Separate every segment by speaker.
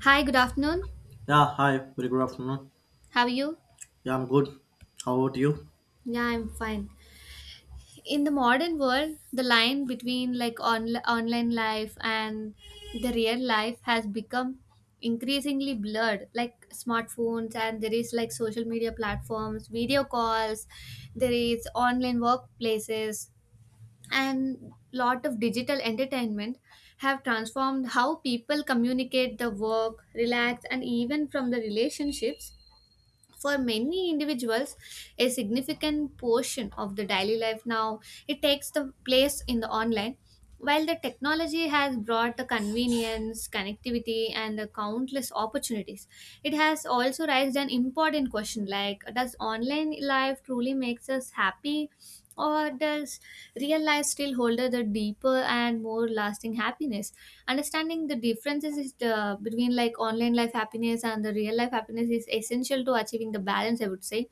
Speaker 1: Hi, good afternoon.
Speaker 2: Yeah, hi, very good afternoon.
Speaker 1: How are you?
Speaker 2: Yeah, I'm good. How about you?
Speaker 1: Yeah, I'm fine. In the modern world, the line between like online life and the real life has become increasingly blurred. Like smartphones and there is like social media platforms, video calls, there is online workplaces and lot of digital entertainment have transformed how people communicate the work, relax and even from the relationships for many individuals a significant portion of the daily life now it takes the place in the online while the technology has brought the convenience connectivity and the countless opportunities. It has also raised an important question like does online life truly makes us happy or does real life still hold the deeper and more lasting happiness? Understanding the differences is between like online life happiness and the real life happiness is essential to achieving the balance, I would say.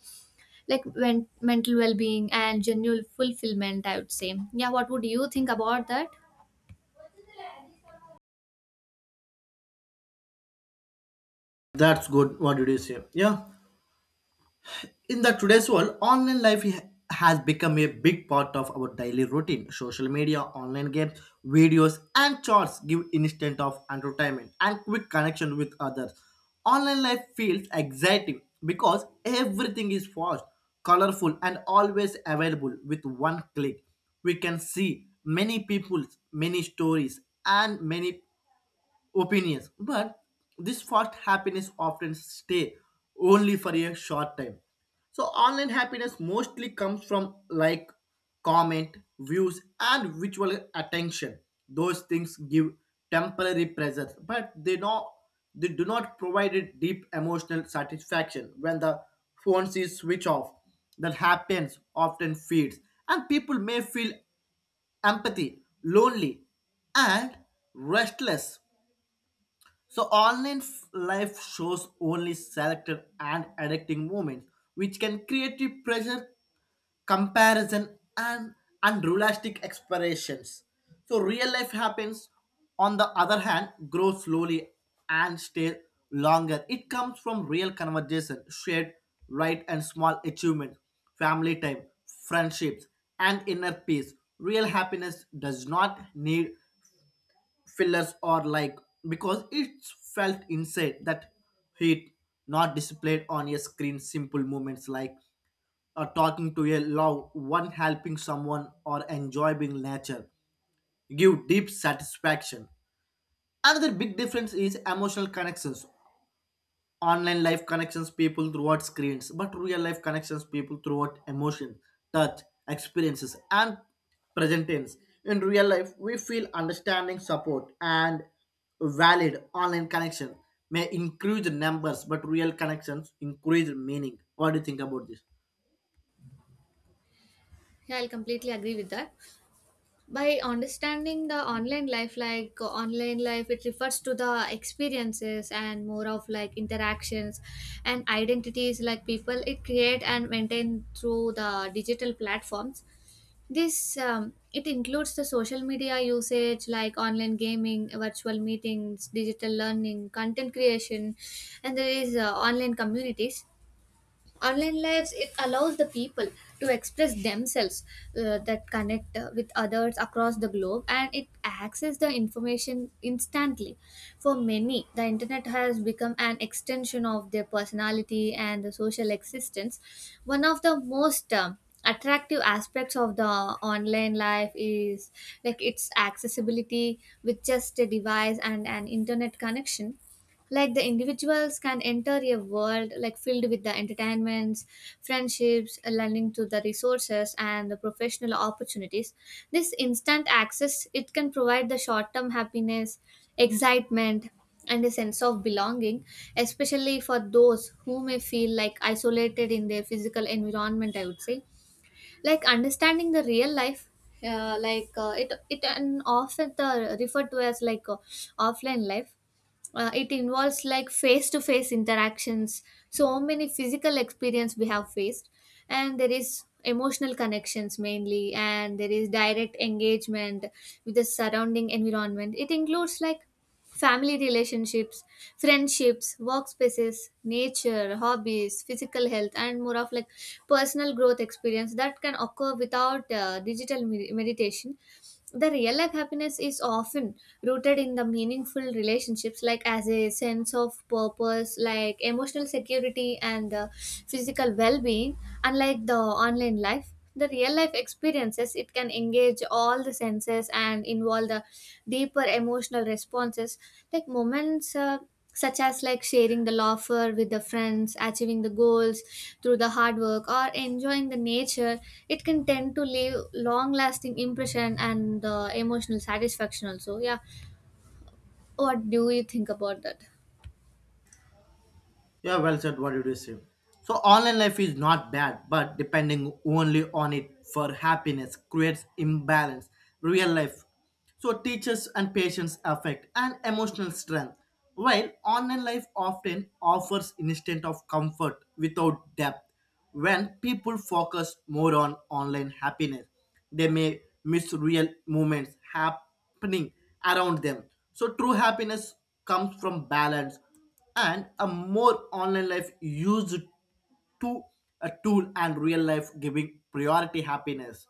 Speaker 1: Like when, mental well being and genuine fulfillment, I would say. Yeah, what would you think about that?
Speaker 2: That's good. What did you say? Yeah. In the today's world, online life has become a big part of our daily routine. Social media, online games, videos, and charts give instant of entertainment and quick connection with others. Online life feels exciting because everything is fast, colorful, and always available with one click. We can see many people, many stories, and many opinions, but this fast happiness often stay only for a short time. So online happiness mostly comes from comment views and visual attention. Those things give temporary pleasure, but they not they do not provide a deep emotional satisfaction. When the phone is switch off, that happens often feeds, and people may feel empathy, lonely, and restless. So online life shows only selected and addicting moments, which can create a pressure, comparison, and unrealistic expectations. So real life happens, on the other hand, grows slowly and stays longer. It comes from real conversation, shared right and small achievements, family time, friendships, and inner peace. Real happiness does not need fillers or like, because it's felt inside, that heat not displayed on a screen. Simple moments like talking to a loved one, helping someone, or enjoying nature give deep satisfaction. Another big difference is emotional connections. Online life connections people throughout screens, but real life connections people throughout emotion, touch, experiences, and present tense. In real life we feel understanding, support, and valid. Online connection may increase numbers, but real connections increase meaning. What do you think about this?
Speaker 1: Yeah, I'll completely agree with that. By understanding the online life, like online life, it refers to the experiences and more of like interactions and identities like people it create and maintain through the digital platforms. This it includes the social media usage like online gaming, virtual meetings, digital learning, content creation, and there is online communities. Online lives it allows the people to express themselves, that connect with others across the globe, and it access the information instantly. For many, the internet has become an extension of their personality and the social existence. One of the most attractive aspects of the online life is like its accessibility. With just a device and an internet connection, like the individuals can enter a world like filled with the entertainments, friendships, learning to the resources, and the professional opportunities. This instant access it can provide the short term happiness, excitement, and a sense of belonging, especially for those who may feel like isolated in their physical environment, I would say. Like understanding the real life, like it it and often the referred to as like offline life. It involves like face to face interactions, so many physical experience we have faced, and there is emotional connections mainly, and there is direct engagement with the surrounding environment. It includes like family relationships, friendships, workspaces, nature, hobbies, physical health, and more of like personal growth experience that can occur without digital meditation. The real life happiness is often rooted in the meaningful relationships, like as a sense of purpose, like emotional security, and physical well-being. Unlike the online life, the real life experiences it can engage all the senses and involve the deeper emotional responses, like moments such as like sharing the laughter with the friends, achieving the goals through the hard work, or enjoying the nature. It can tend to leave long lasting impression and the emotional satisfaction also. Yeah, what do you think about that?
Speaker 2: Yeah, well said. What did you say? So online life is not bad, but depending only on it for happiness creates imbalance. Real life. So teachers and patients affect and emotional strength. While online life often offers instant of comfort without depth. When people focus more on online happiness, they may miss real moments happening around them. So true happiness comes from balance, and a more online life used to a tool and real life giving priority happiness,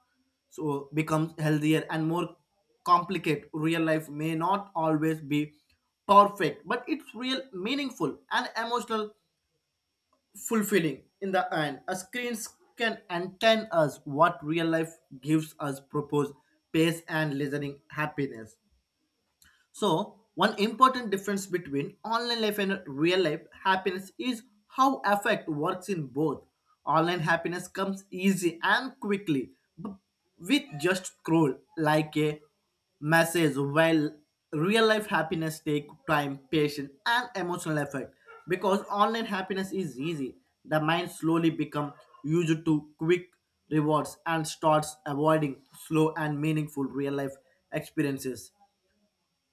Speaker 2: so becomes healthier and more complicated. Real life may not always be perfect, but it's real, meaningful, and emotional fulfilling. In the end, a screens can entertain us, what real life gives us purpose, pace, and listening happiness. So, one important difference between online life and real life happiness is how affect works in both. Online happiness comes easy and quickly b- with just scroll like a message, while real life happiness take time, patience, and emotional effort. Because online happiness is easy, the mind slowly become used to quick rewards and starts avoiding slow and meaningful real life experiences.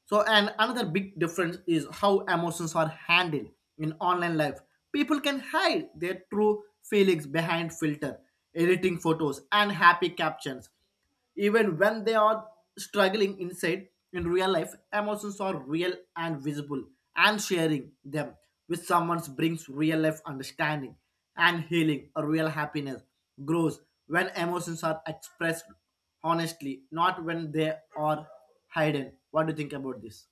Speaker 2: So, and another big difference is how emotions are handled in online life. People can hide their true feelings behind filter, editing photos, and happy captions. Even when they are struggling inside in real life, emotions are real and visible, and sharing them with someone brings real life understanding and healing. A real happiness grows when emotions are expressed honestly, not when they are Hayden. What do you think about this?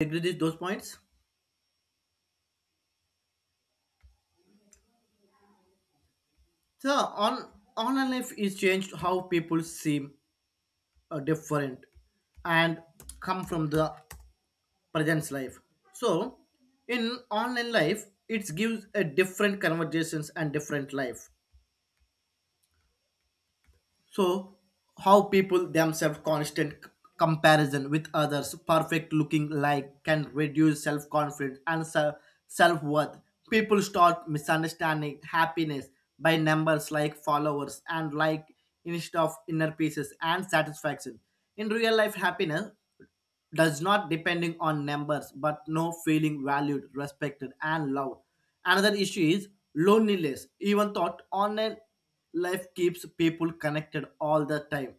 Speaker 2: Agree with those points? So on online life is changed how people seem different and come from the present life. So in online life, it gives a different conversations and different life. So, how people themselves constant comparison with others, perfect looking like, can reduce self confidence and self worth. People start misunderstanding happiness by numbers like followers and like, instead of inner pieces and satisfaction. In real life, happiness does not depending on numbers, but no feeling valued, respected, and loved. Another issue is loneliness. Even thought online life keeps people connected all the time,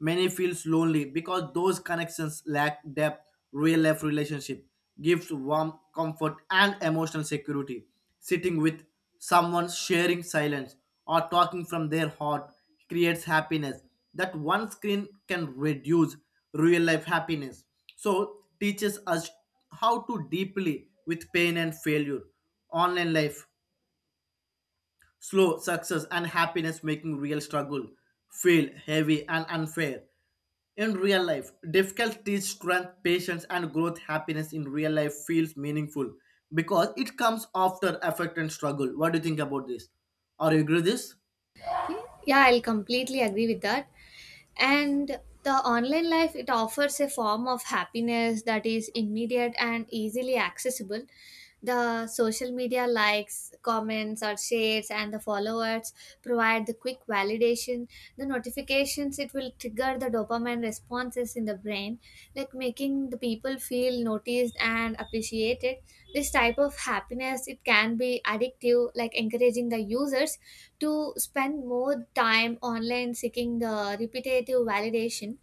Speaker 2: many feels lonely because those connections lack depth. Real life relationship gives warm comfort and emotional security. Sitting with someone, sharing silence, or talking from their heart creates happiness that one screen can reduce. Real life happiness so teaches us how to deeply with pain and failure. Online life slow success and happiness, making real struggle feel heavy and unfair. In real life, difficult teach strength, patience, and growth. Happiness in real life feels meaningful because it comes after effort and struggle. What do you think about this? Are you agree with this?
Speaker 1: Yeah, I'll completely agree with that. And the online life it offers a form of happiness that is immediate and easily accessible. The social media likes, comments or shares, and the followers provide the quick validation. The notifications it will trigger the dopamine responses in the brain, like making the people feel noticed and appreciated. This type of happiness it can be addictive, like encouraging the users to spend more time online seeking the repetitive validation.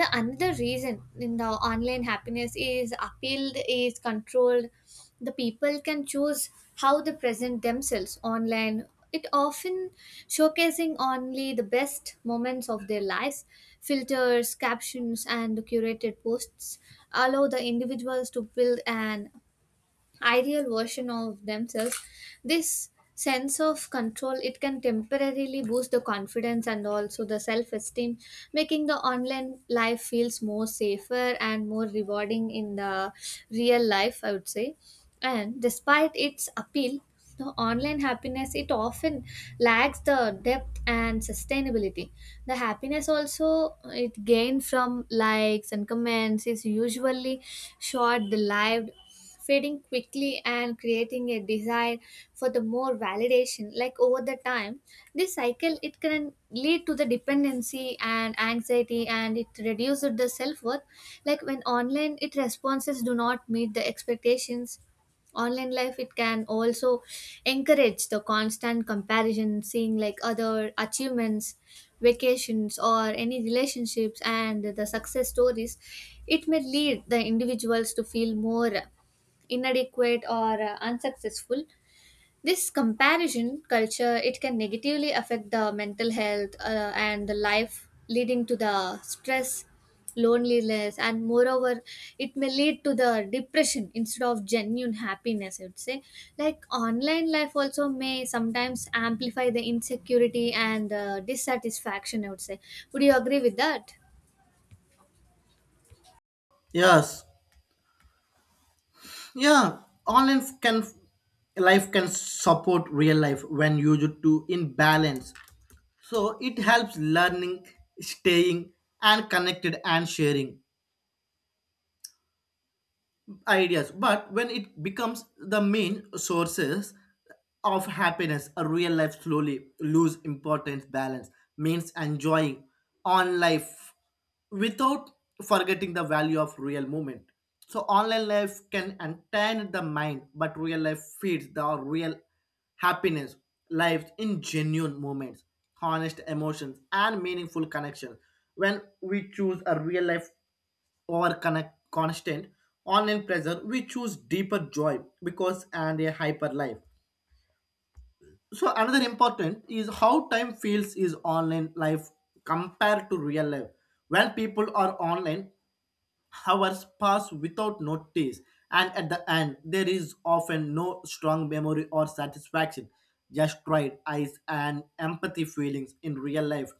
Speaker 1: The another reason in the online happiness is appealed is controlled. The people can choose how they present themselves online. It often showcasing only the best moments of their lives. Filters, captions, and curated posts allow the individuals to build an ideal version of themselves. This sense of control it can temporarily boost the confidence and also the self esteem, making the online life feels more safer and more rewarding in the real life, I would say. And despite its appeal, the online happiness it often lacks the depth and sustainability. The happiness also it gained from likes and comments is usually short lived, fading quickly and creating a desire for the more validation like over the time. This cycle it can lead to the dependency and anxiety, and it reduces the self-worth, like when online it responses do not meet the expectations. Online life it can also encourage the constant comparison, seeing like other achievements, vacations, or any relationships and the success stories. It may lead the individuals to feel more inadequate or unsuccessful. This comparison culture it can negatively affect the mental health and the life, leading to the stress, loneliness, and moreover it may lead to the depression instead of genuine happiness, I would say. Like online life also may sometimes amplify the insecurity and dissatisfaction, I would say. Would you agree with that?
Speaker 2: Yes. Yeah, online can life can support real life when used to in balance. So it helps learning, staying and connected and sharing ideas, but when it becomes the main sources of happiness, a real life slowly lose importance. Balance means enjoying on life without forgetting the value of real moment. So online life can entertain the mind, but real life feeds the real. Happiness lives in genuine moments, honest emotions, and meaningful connections. When we choose a real life or connect constant online pressure, we choose deeper joy because and a hyper life. So another important is how time feels is online life compared to real life. When people are online, hours pass without notice, and at the end, there is often no strong memory or satisfaction, just pride, eyes, and empathy feelings in real life.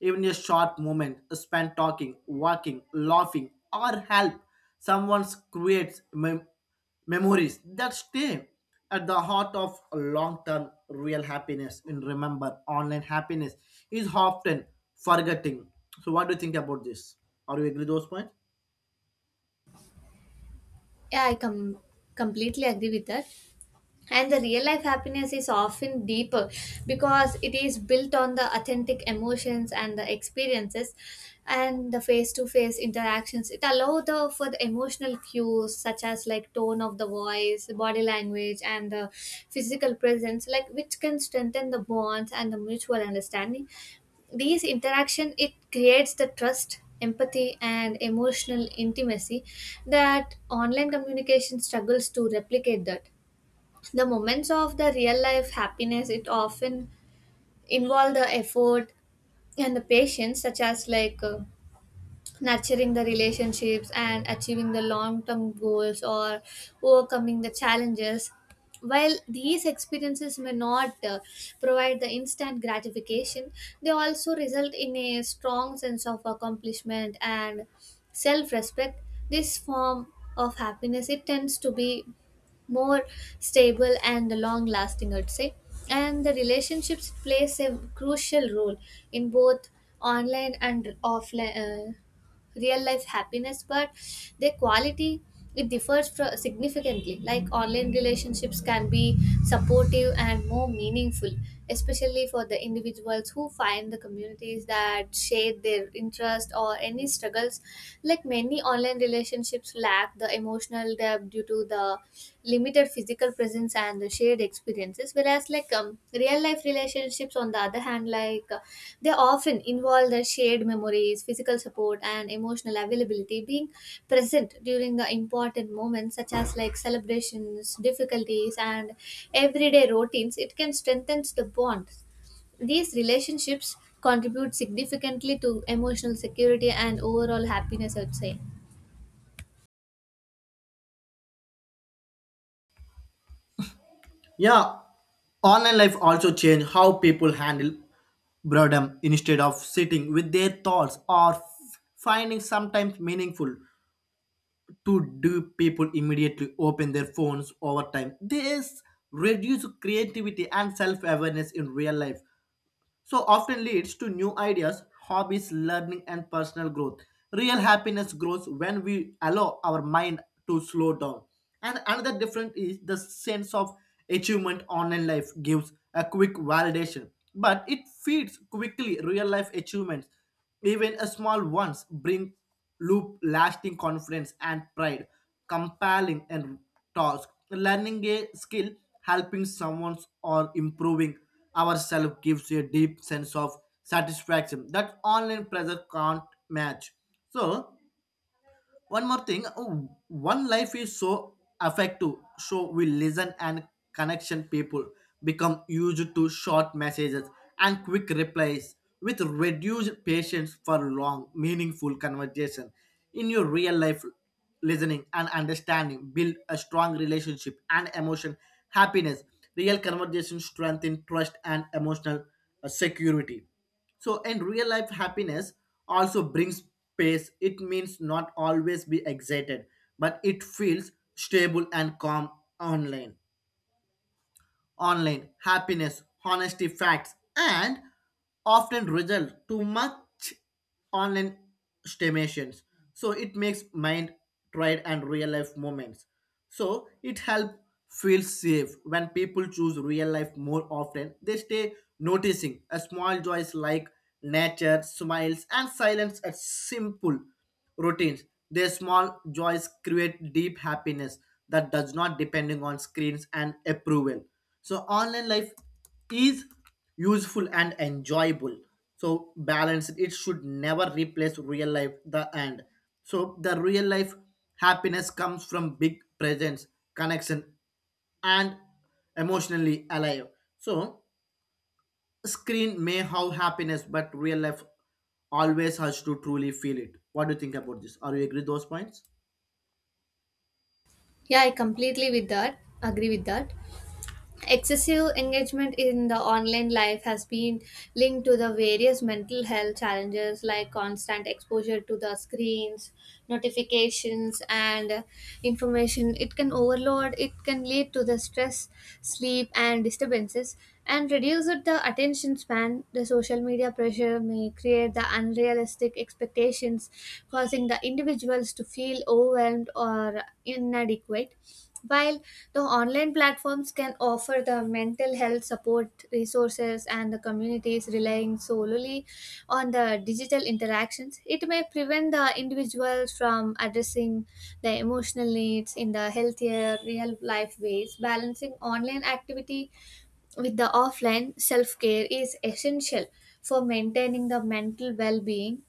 Speaker 2: Even a short moment spent talking, walking, laughing, or help someone creates memories that stay at the heart of long-term real happiness. And remember, online happiness is often forgetting. So, what do you think about this? Are you agree with those points?
Speaker 1: yeah i com- completely agree with that. And the real life happiness is often deeper because it is built on the authentic emotions and the experiences and the face to face interactions. It allows for the emotional cues such as like tone of the voice, body language, and the physical presence, like which can strengthen the bonds and the mutual understanding. These interaction it creates the trust, empathy, and emotional intimacy that online communication struggles to replicate. That the moments of the real life happiness it often involve the effort and the patience, such as like nurturing the relationships and achieving the long term goals or overcoming the challenges. While these experiences may not provide the instant gratification, they also result in a strong sense of accomplishment and self respect. This form of happiness it tends to be more stable and long lasting, I'd say. And the relationships plays a crucial role in both online and offline, real life happiness, but their quality it differs significantly. Like online relationships can be supportive and more meaningful, especially for the individuals who find the communities that share their interest or any struggles. Like many online relationships lack the emotional depth due to the limited physical presence and the shared experiences, whereas like real life relationships on the other hand, like they often involve the shared memories, physical support, and emotional availability. Being present during the important moments such as like celebrations, difficulties, and everyday routines it can strengthen the bonds. These relationships contribute significantly to emotional security and overall happiness, I would say.
Speaker 2: Yeah, online life also changed how people handle boredom, instead of sitting with their thoughts or finding sometimes meaningful to do. People immediately open their phones over time. This reduces creativity and self-awareness. In real life so often leads to new ideas, hobbies, learning, and personal growth. Real happiness grows when we allow our mind to slow down. And another difference is the sense of achievement. Online life gives a quick validation, but it feeds quickly. Real life achievements, even a small ones, bring loop lasting confidence and pride. Compelling and task, learning a skill, helping someone, or improving ourselves gives you a deep sense of satisfaction that online pressure can't match. So one more thing, oh, one life is so effective, so we listen and connection. People become used to short messages and quick replies, with reduced patience for long meaningful conversation. In your real life, listening and understanding build a strong relationship and emotion happiness. Real conversation strengthen trust and emotional security. So, in real life happiness also brings pace. It means not always be excited, but it feels stable and calm. Online online happiness honesty facts and often result to much online stimulations. So it makes mind tried and real life moments. So it help feel safe. When people choose real life more often, they stay noticing a small joys like nature, smiles, and silence at simple routines. Their small joys create deep happiness that does not depending on screens and approval. So online life is useful and enjoyable, so balance it. It should never replace real life the end. So the real life happiness comes from big presence, connection, and emotionally alive. So screen may have happiness, but real life always has to truly feel it. What do you think about this? Are you agree those points?
Speaker 1: Yeah, I completely with that agree with that. Excessive engagement in the online life has been linked to the various mental health challenges, like constant exposure to the screens, notifications, and information. It can overload, it can lead to the stress, sleep, and disturbances, and reduce the attention span. The social media pressure may create the unrealistic expectations, causing the individuals to feel overwhelmed or inadequate. While the online platforms can offer the mental health support resources and the communities, relying solely on the digital interactions, it may prevent the individuals from addressing the emotional needs in the healthier real life ways. Balancing online activity with the offline self care is essential for maintaining the mental well being.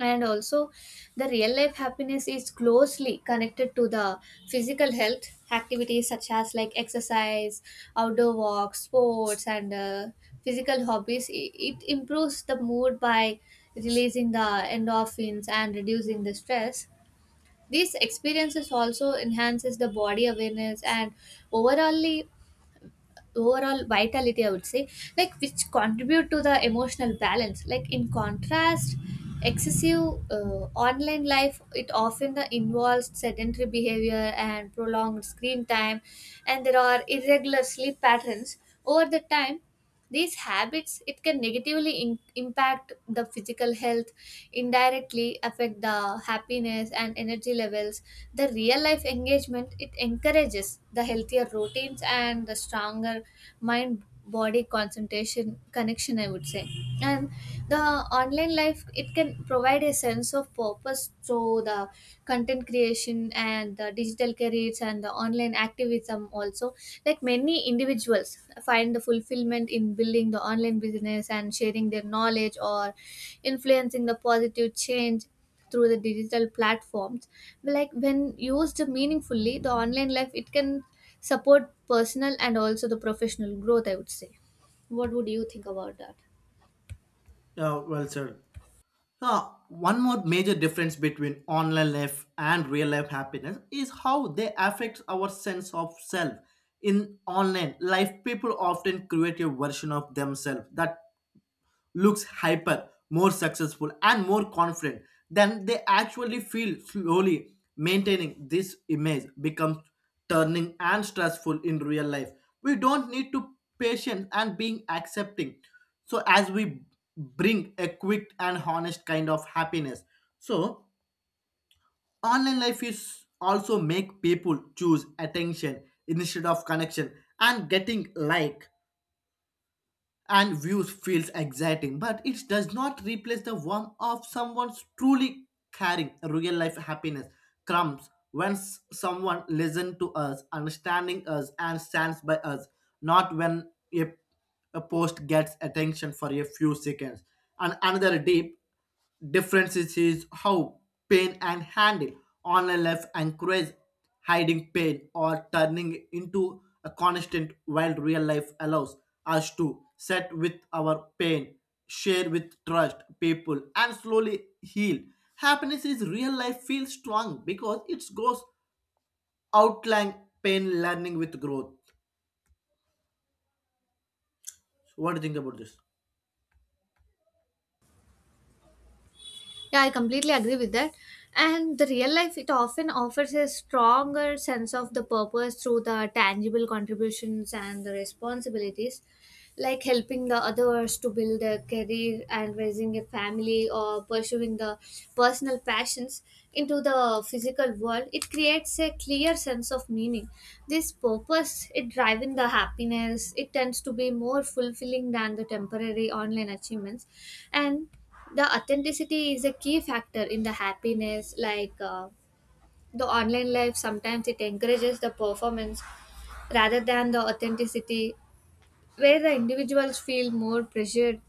Speaker 1: And also the real life happiness is closely connected to the physical health. Activities such as like exercise, outdoor walks, sports, and physical hobbies, it improves the mood by releasing the endorphins and reducing the stress. These experiences also enhances the body awareness and overallly overall vitality, I would say, like which contribute to the emotional balance. Like in contrast, excessive online life it often involves sedentary behavior and prolonged screen time, and there are irregular sleep patterns. Over the time, these habits it can negatively impact the physical health, indirectly affect the happiness and energy levels. The real life engagement it encourages the healthier routines and the stronger mind body concentration connection, I would say. And the online life it can provide a sense of purpose through the content creation, education, and the digital careers and the online activism also. Like many individuals find the fulfillment in building the online business and sharing their knowledge or influencing the positive change through the digital platforms. Like when used meaningfully, the online life it can support personal and also the professional growth, I would say. What would you think about that?
Speaker 2: Yeah, well sir. One more major difference between online life and real life happiness is how they affect our sense of self. In online life, people often create a version of themselves that looks hyper, more successful, and more confident than they actually feel slowly. Maintaining this image becomes turning and stressful. In real life, we don't need to patient and being accepting. So as we bring a quick and honest kind of happiness. So online life is also make people choose attention instead of connection, and getting like and views feels exciting, but it does not replace the warmth of someone's truly caring. Real life happiness comes when someone listens to us, understanding us, and stands by us, not when a post gets attention for a few seconds. And another deep differences is how pain and handle online life encourage hiding pain or turning it into a constant, while real life allows us to set with our pain, share with trust people and slowly heal. Happiness is real life feels strong because it goes outlying pain learning with growth. So what do you think about this?
Speaker 1: Yeah, I completely agree with that. And the real life, it often offers a stronger sense of the purpose through the tangible contributions and the responsibilities, like helping the others to build a career and raising a family or pursuing the personal passions into the physical world. It creates a clear sense of meaning. This purpose, it driving the happiness, it tends to be more fulfilling than the temporary online achievements. And the authenticity is a key factor in the happiness, like the online life sometimes it encourages the performance rather than the authenticity, where the individuals feel more pressured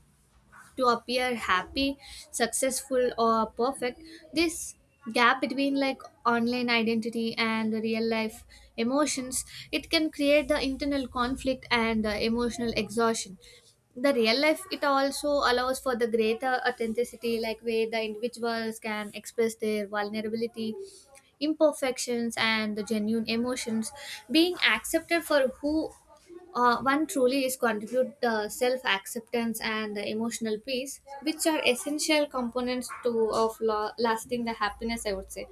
Speaker 1: to appear happy, successful, or perfect. This gap between like online identity and the real life emotions it can create the internal conflict and emotional exhaustion. The real life it also allows for the greater authenticity like where the individuals can express their vulnerability, imperfections, and the genuine emotions being accepted for who one truly is, contribute self acceptance and the emotional peace, which are essential components to of lasting the happiness, I would say.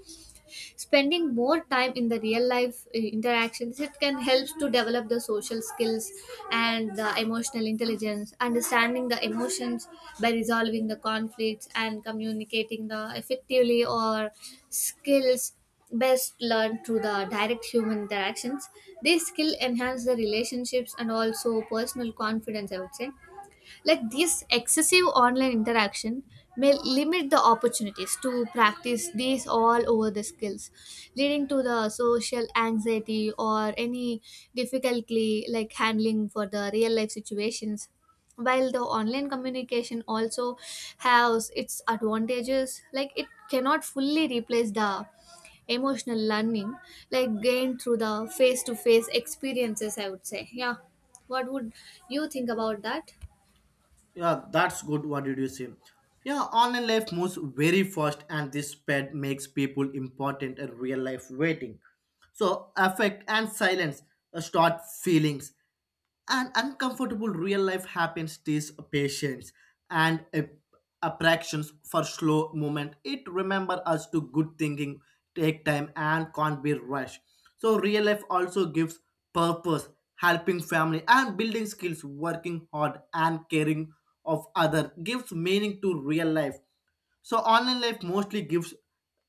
Speaker 1: Spending more time in the real life interactions it can help to develop the social skills and the emotional intelligence, understanding the emotions by resolving the conflicts and communicating the effectively, or skills best learned through the direct human interactions. These skill enhance the relationships and also personal confidence, I would say. Like this excessive online interaction may limit the opportunities to practice these all over the skills, leading to the social anxiety or any difficulty like handling for the real life situations. While the online communication also has its advantages like it cannot fully replace the emotional learning like gained through the face to face experiences, I would say. Yeah, what would you think about that?
Speaker 2: Yeah, that's good. What did you say? Yeah, online life moves very fast, and this pad makes people important in real life waiting. So, affect and silence start feelings. An uncomfortable real life happens this patience and attractions for slow movement. It remember us to good thinking, take time and can't be rushed. So real life also gives purpose, helping family and building skills, working hard and caring of other gives meaning to real life. So online life mostly gives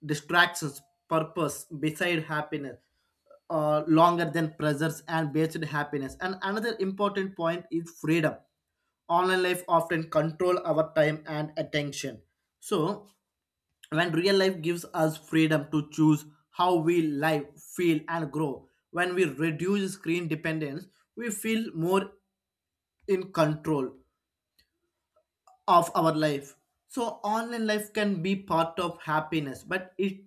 Speaker 2: distractions, purpose beside happiness, longer than pressures and based happiness. And another important point is freedom. Online life often control our time and attention. So when real life gives us freedom to choose how we live, feel, and grow, when we reduce screen dependence, we feel more in control of our life. So online life can be part of happiness, but it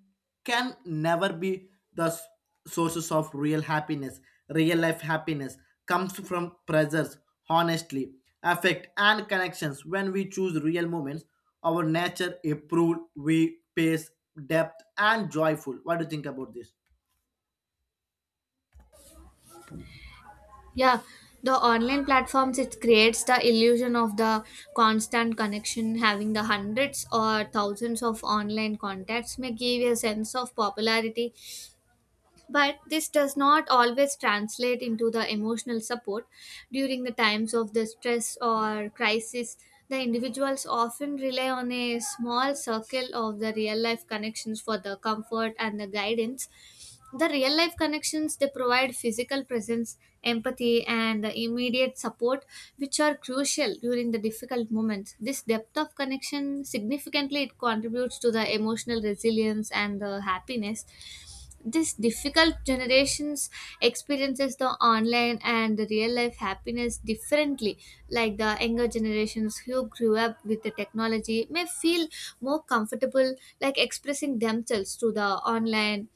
Speaker 2: can never be the sources of real happiness. Real life happiness comes from presence, honestly, affect and connections. When we choose real moments, our nature improve, we pace depth and joyful. What do you think about this?
Speaker 1: Yeah, the online platforms it creates the illusion of the constant connection. Having the hundreds or thousands of online contacts may give a sense of popularity, but this does not always translate into the emotional support. During the times of the stress or crisis, the individuals often rely on a small circle of the real life connections for the comfort and the guidance. The real life connections they provide physical presence, empathy, and the immediate support, which are crucial during the difficult moments. This depth of connection significantly it contributes to the emotional resilience and the happiness. This difficult generations experiences the online and the real life happiness differently. Like the younger generations who grew up with the technology may feel more comfortable like expressing themselves through the online,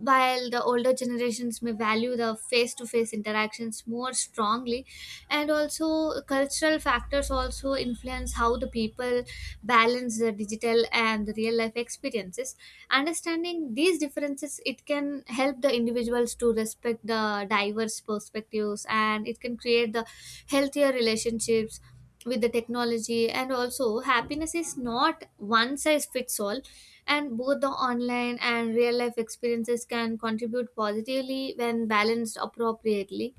Speaker 1: while the older generations may value the face to face interactions more strongly. And also cultural factors also influence how the people balance the digital and the real life experiences. Understanding these differences it can help the individuals to respect the diverse perspectives and it can create the healthier relationships with the technology. And also happiness is not one size fits all, and both the online and real life experiences can contribute positively when balanced appropriately.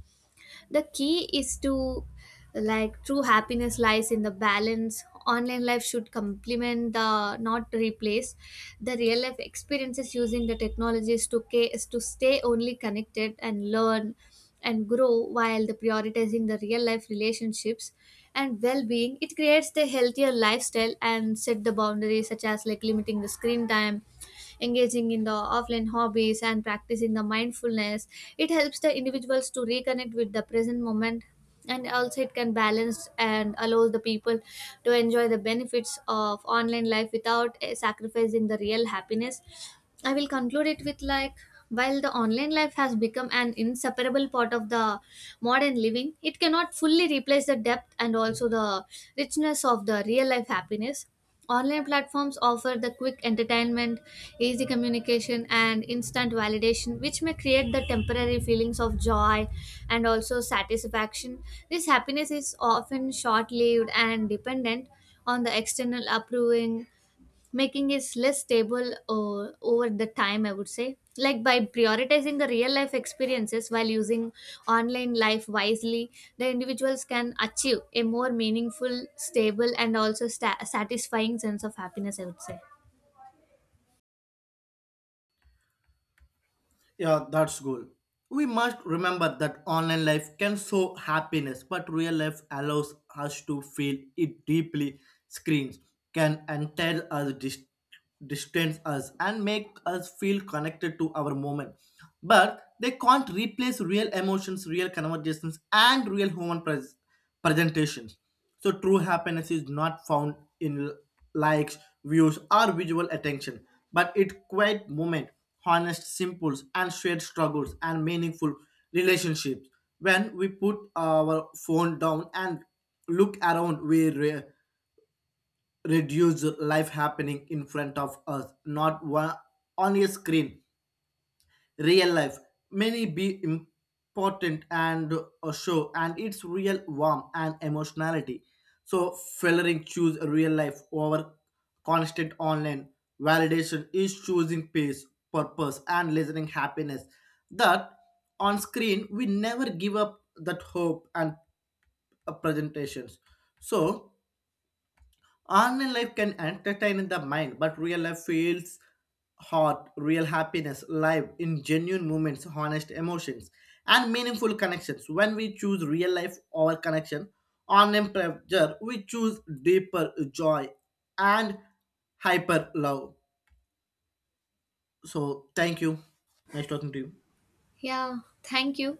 Speaker 1: The key is to, like, true happiness lies in the balance. Online life should complement the not replace the real life experiences, using the technologies to to stay only connected and learn and grow, while the prioritizing the real life relationships and well-being it creates the healthier lifestyle. And set the boundaries such as like limiting the screen time, engaging in the offline hobbies, and practicing the mindfulness it helps the individuals to reconnect with the present moment. And also it can balance and allows the people to enjoy the benefits of online life without sacrificing the real happiness. I will conclude it with like while the online life has become an inseparable part of the modern living, it cannot fully replace the depth and also the richness of the real life happiness. Online platforms offer the quick entertainment, easy communication, and instant validation, which may create the temporary feelings of joy and also satisfaction. This happiness is often short lived and dependent on the external approving, making is less stable over the time, I would say. Like by prioritizing the real life experiences while using online life wisely, the individuals can achieve a more meaningful, stable, and also satisfying sense of happiness, I would say.
Speaker 2: Yeah, that's good. We must remember that online life can show happiness, but real life allows us to feel it deeply. Screens can entail us, distance us, and make us feel connected to our moment. But they can't replace real emotions, real conversations, and real human presence presentation. So true happiness is not found in likes, views, or visual attention, but it quiet moment, honest, simples, and shared struggles and meaningful relationships. When we put our phone down and look around, we reduce life happening in front of us, not one on a screen. Real life many be important and a show and its real warmth and emotionality. So fellering choose real life over constant online validation is choosing peace, purpose, and listening happiness. That on screen we never give up that hope and presentations. So online life can entertain the mind, but real life feels heart. Real happiness, live in genuine moments, honest emotions, and meaningful connections. When we choose real life over connection, online pleasure, we choose deeper joy and hyper love. So, thank you. Nice talking to you.
Speaker 1: Yeah, thank you.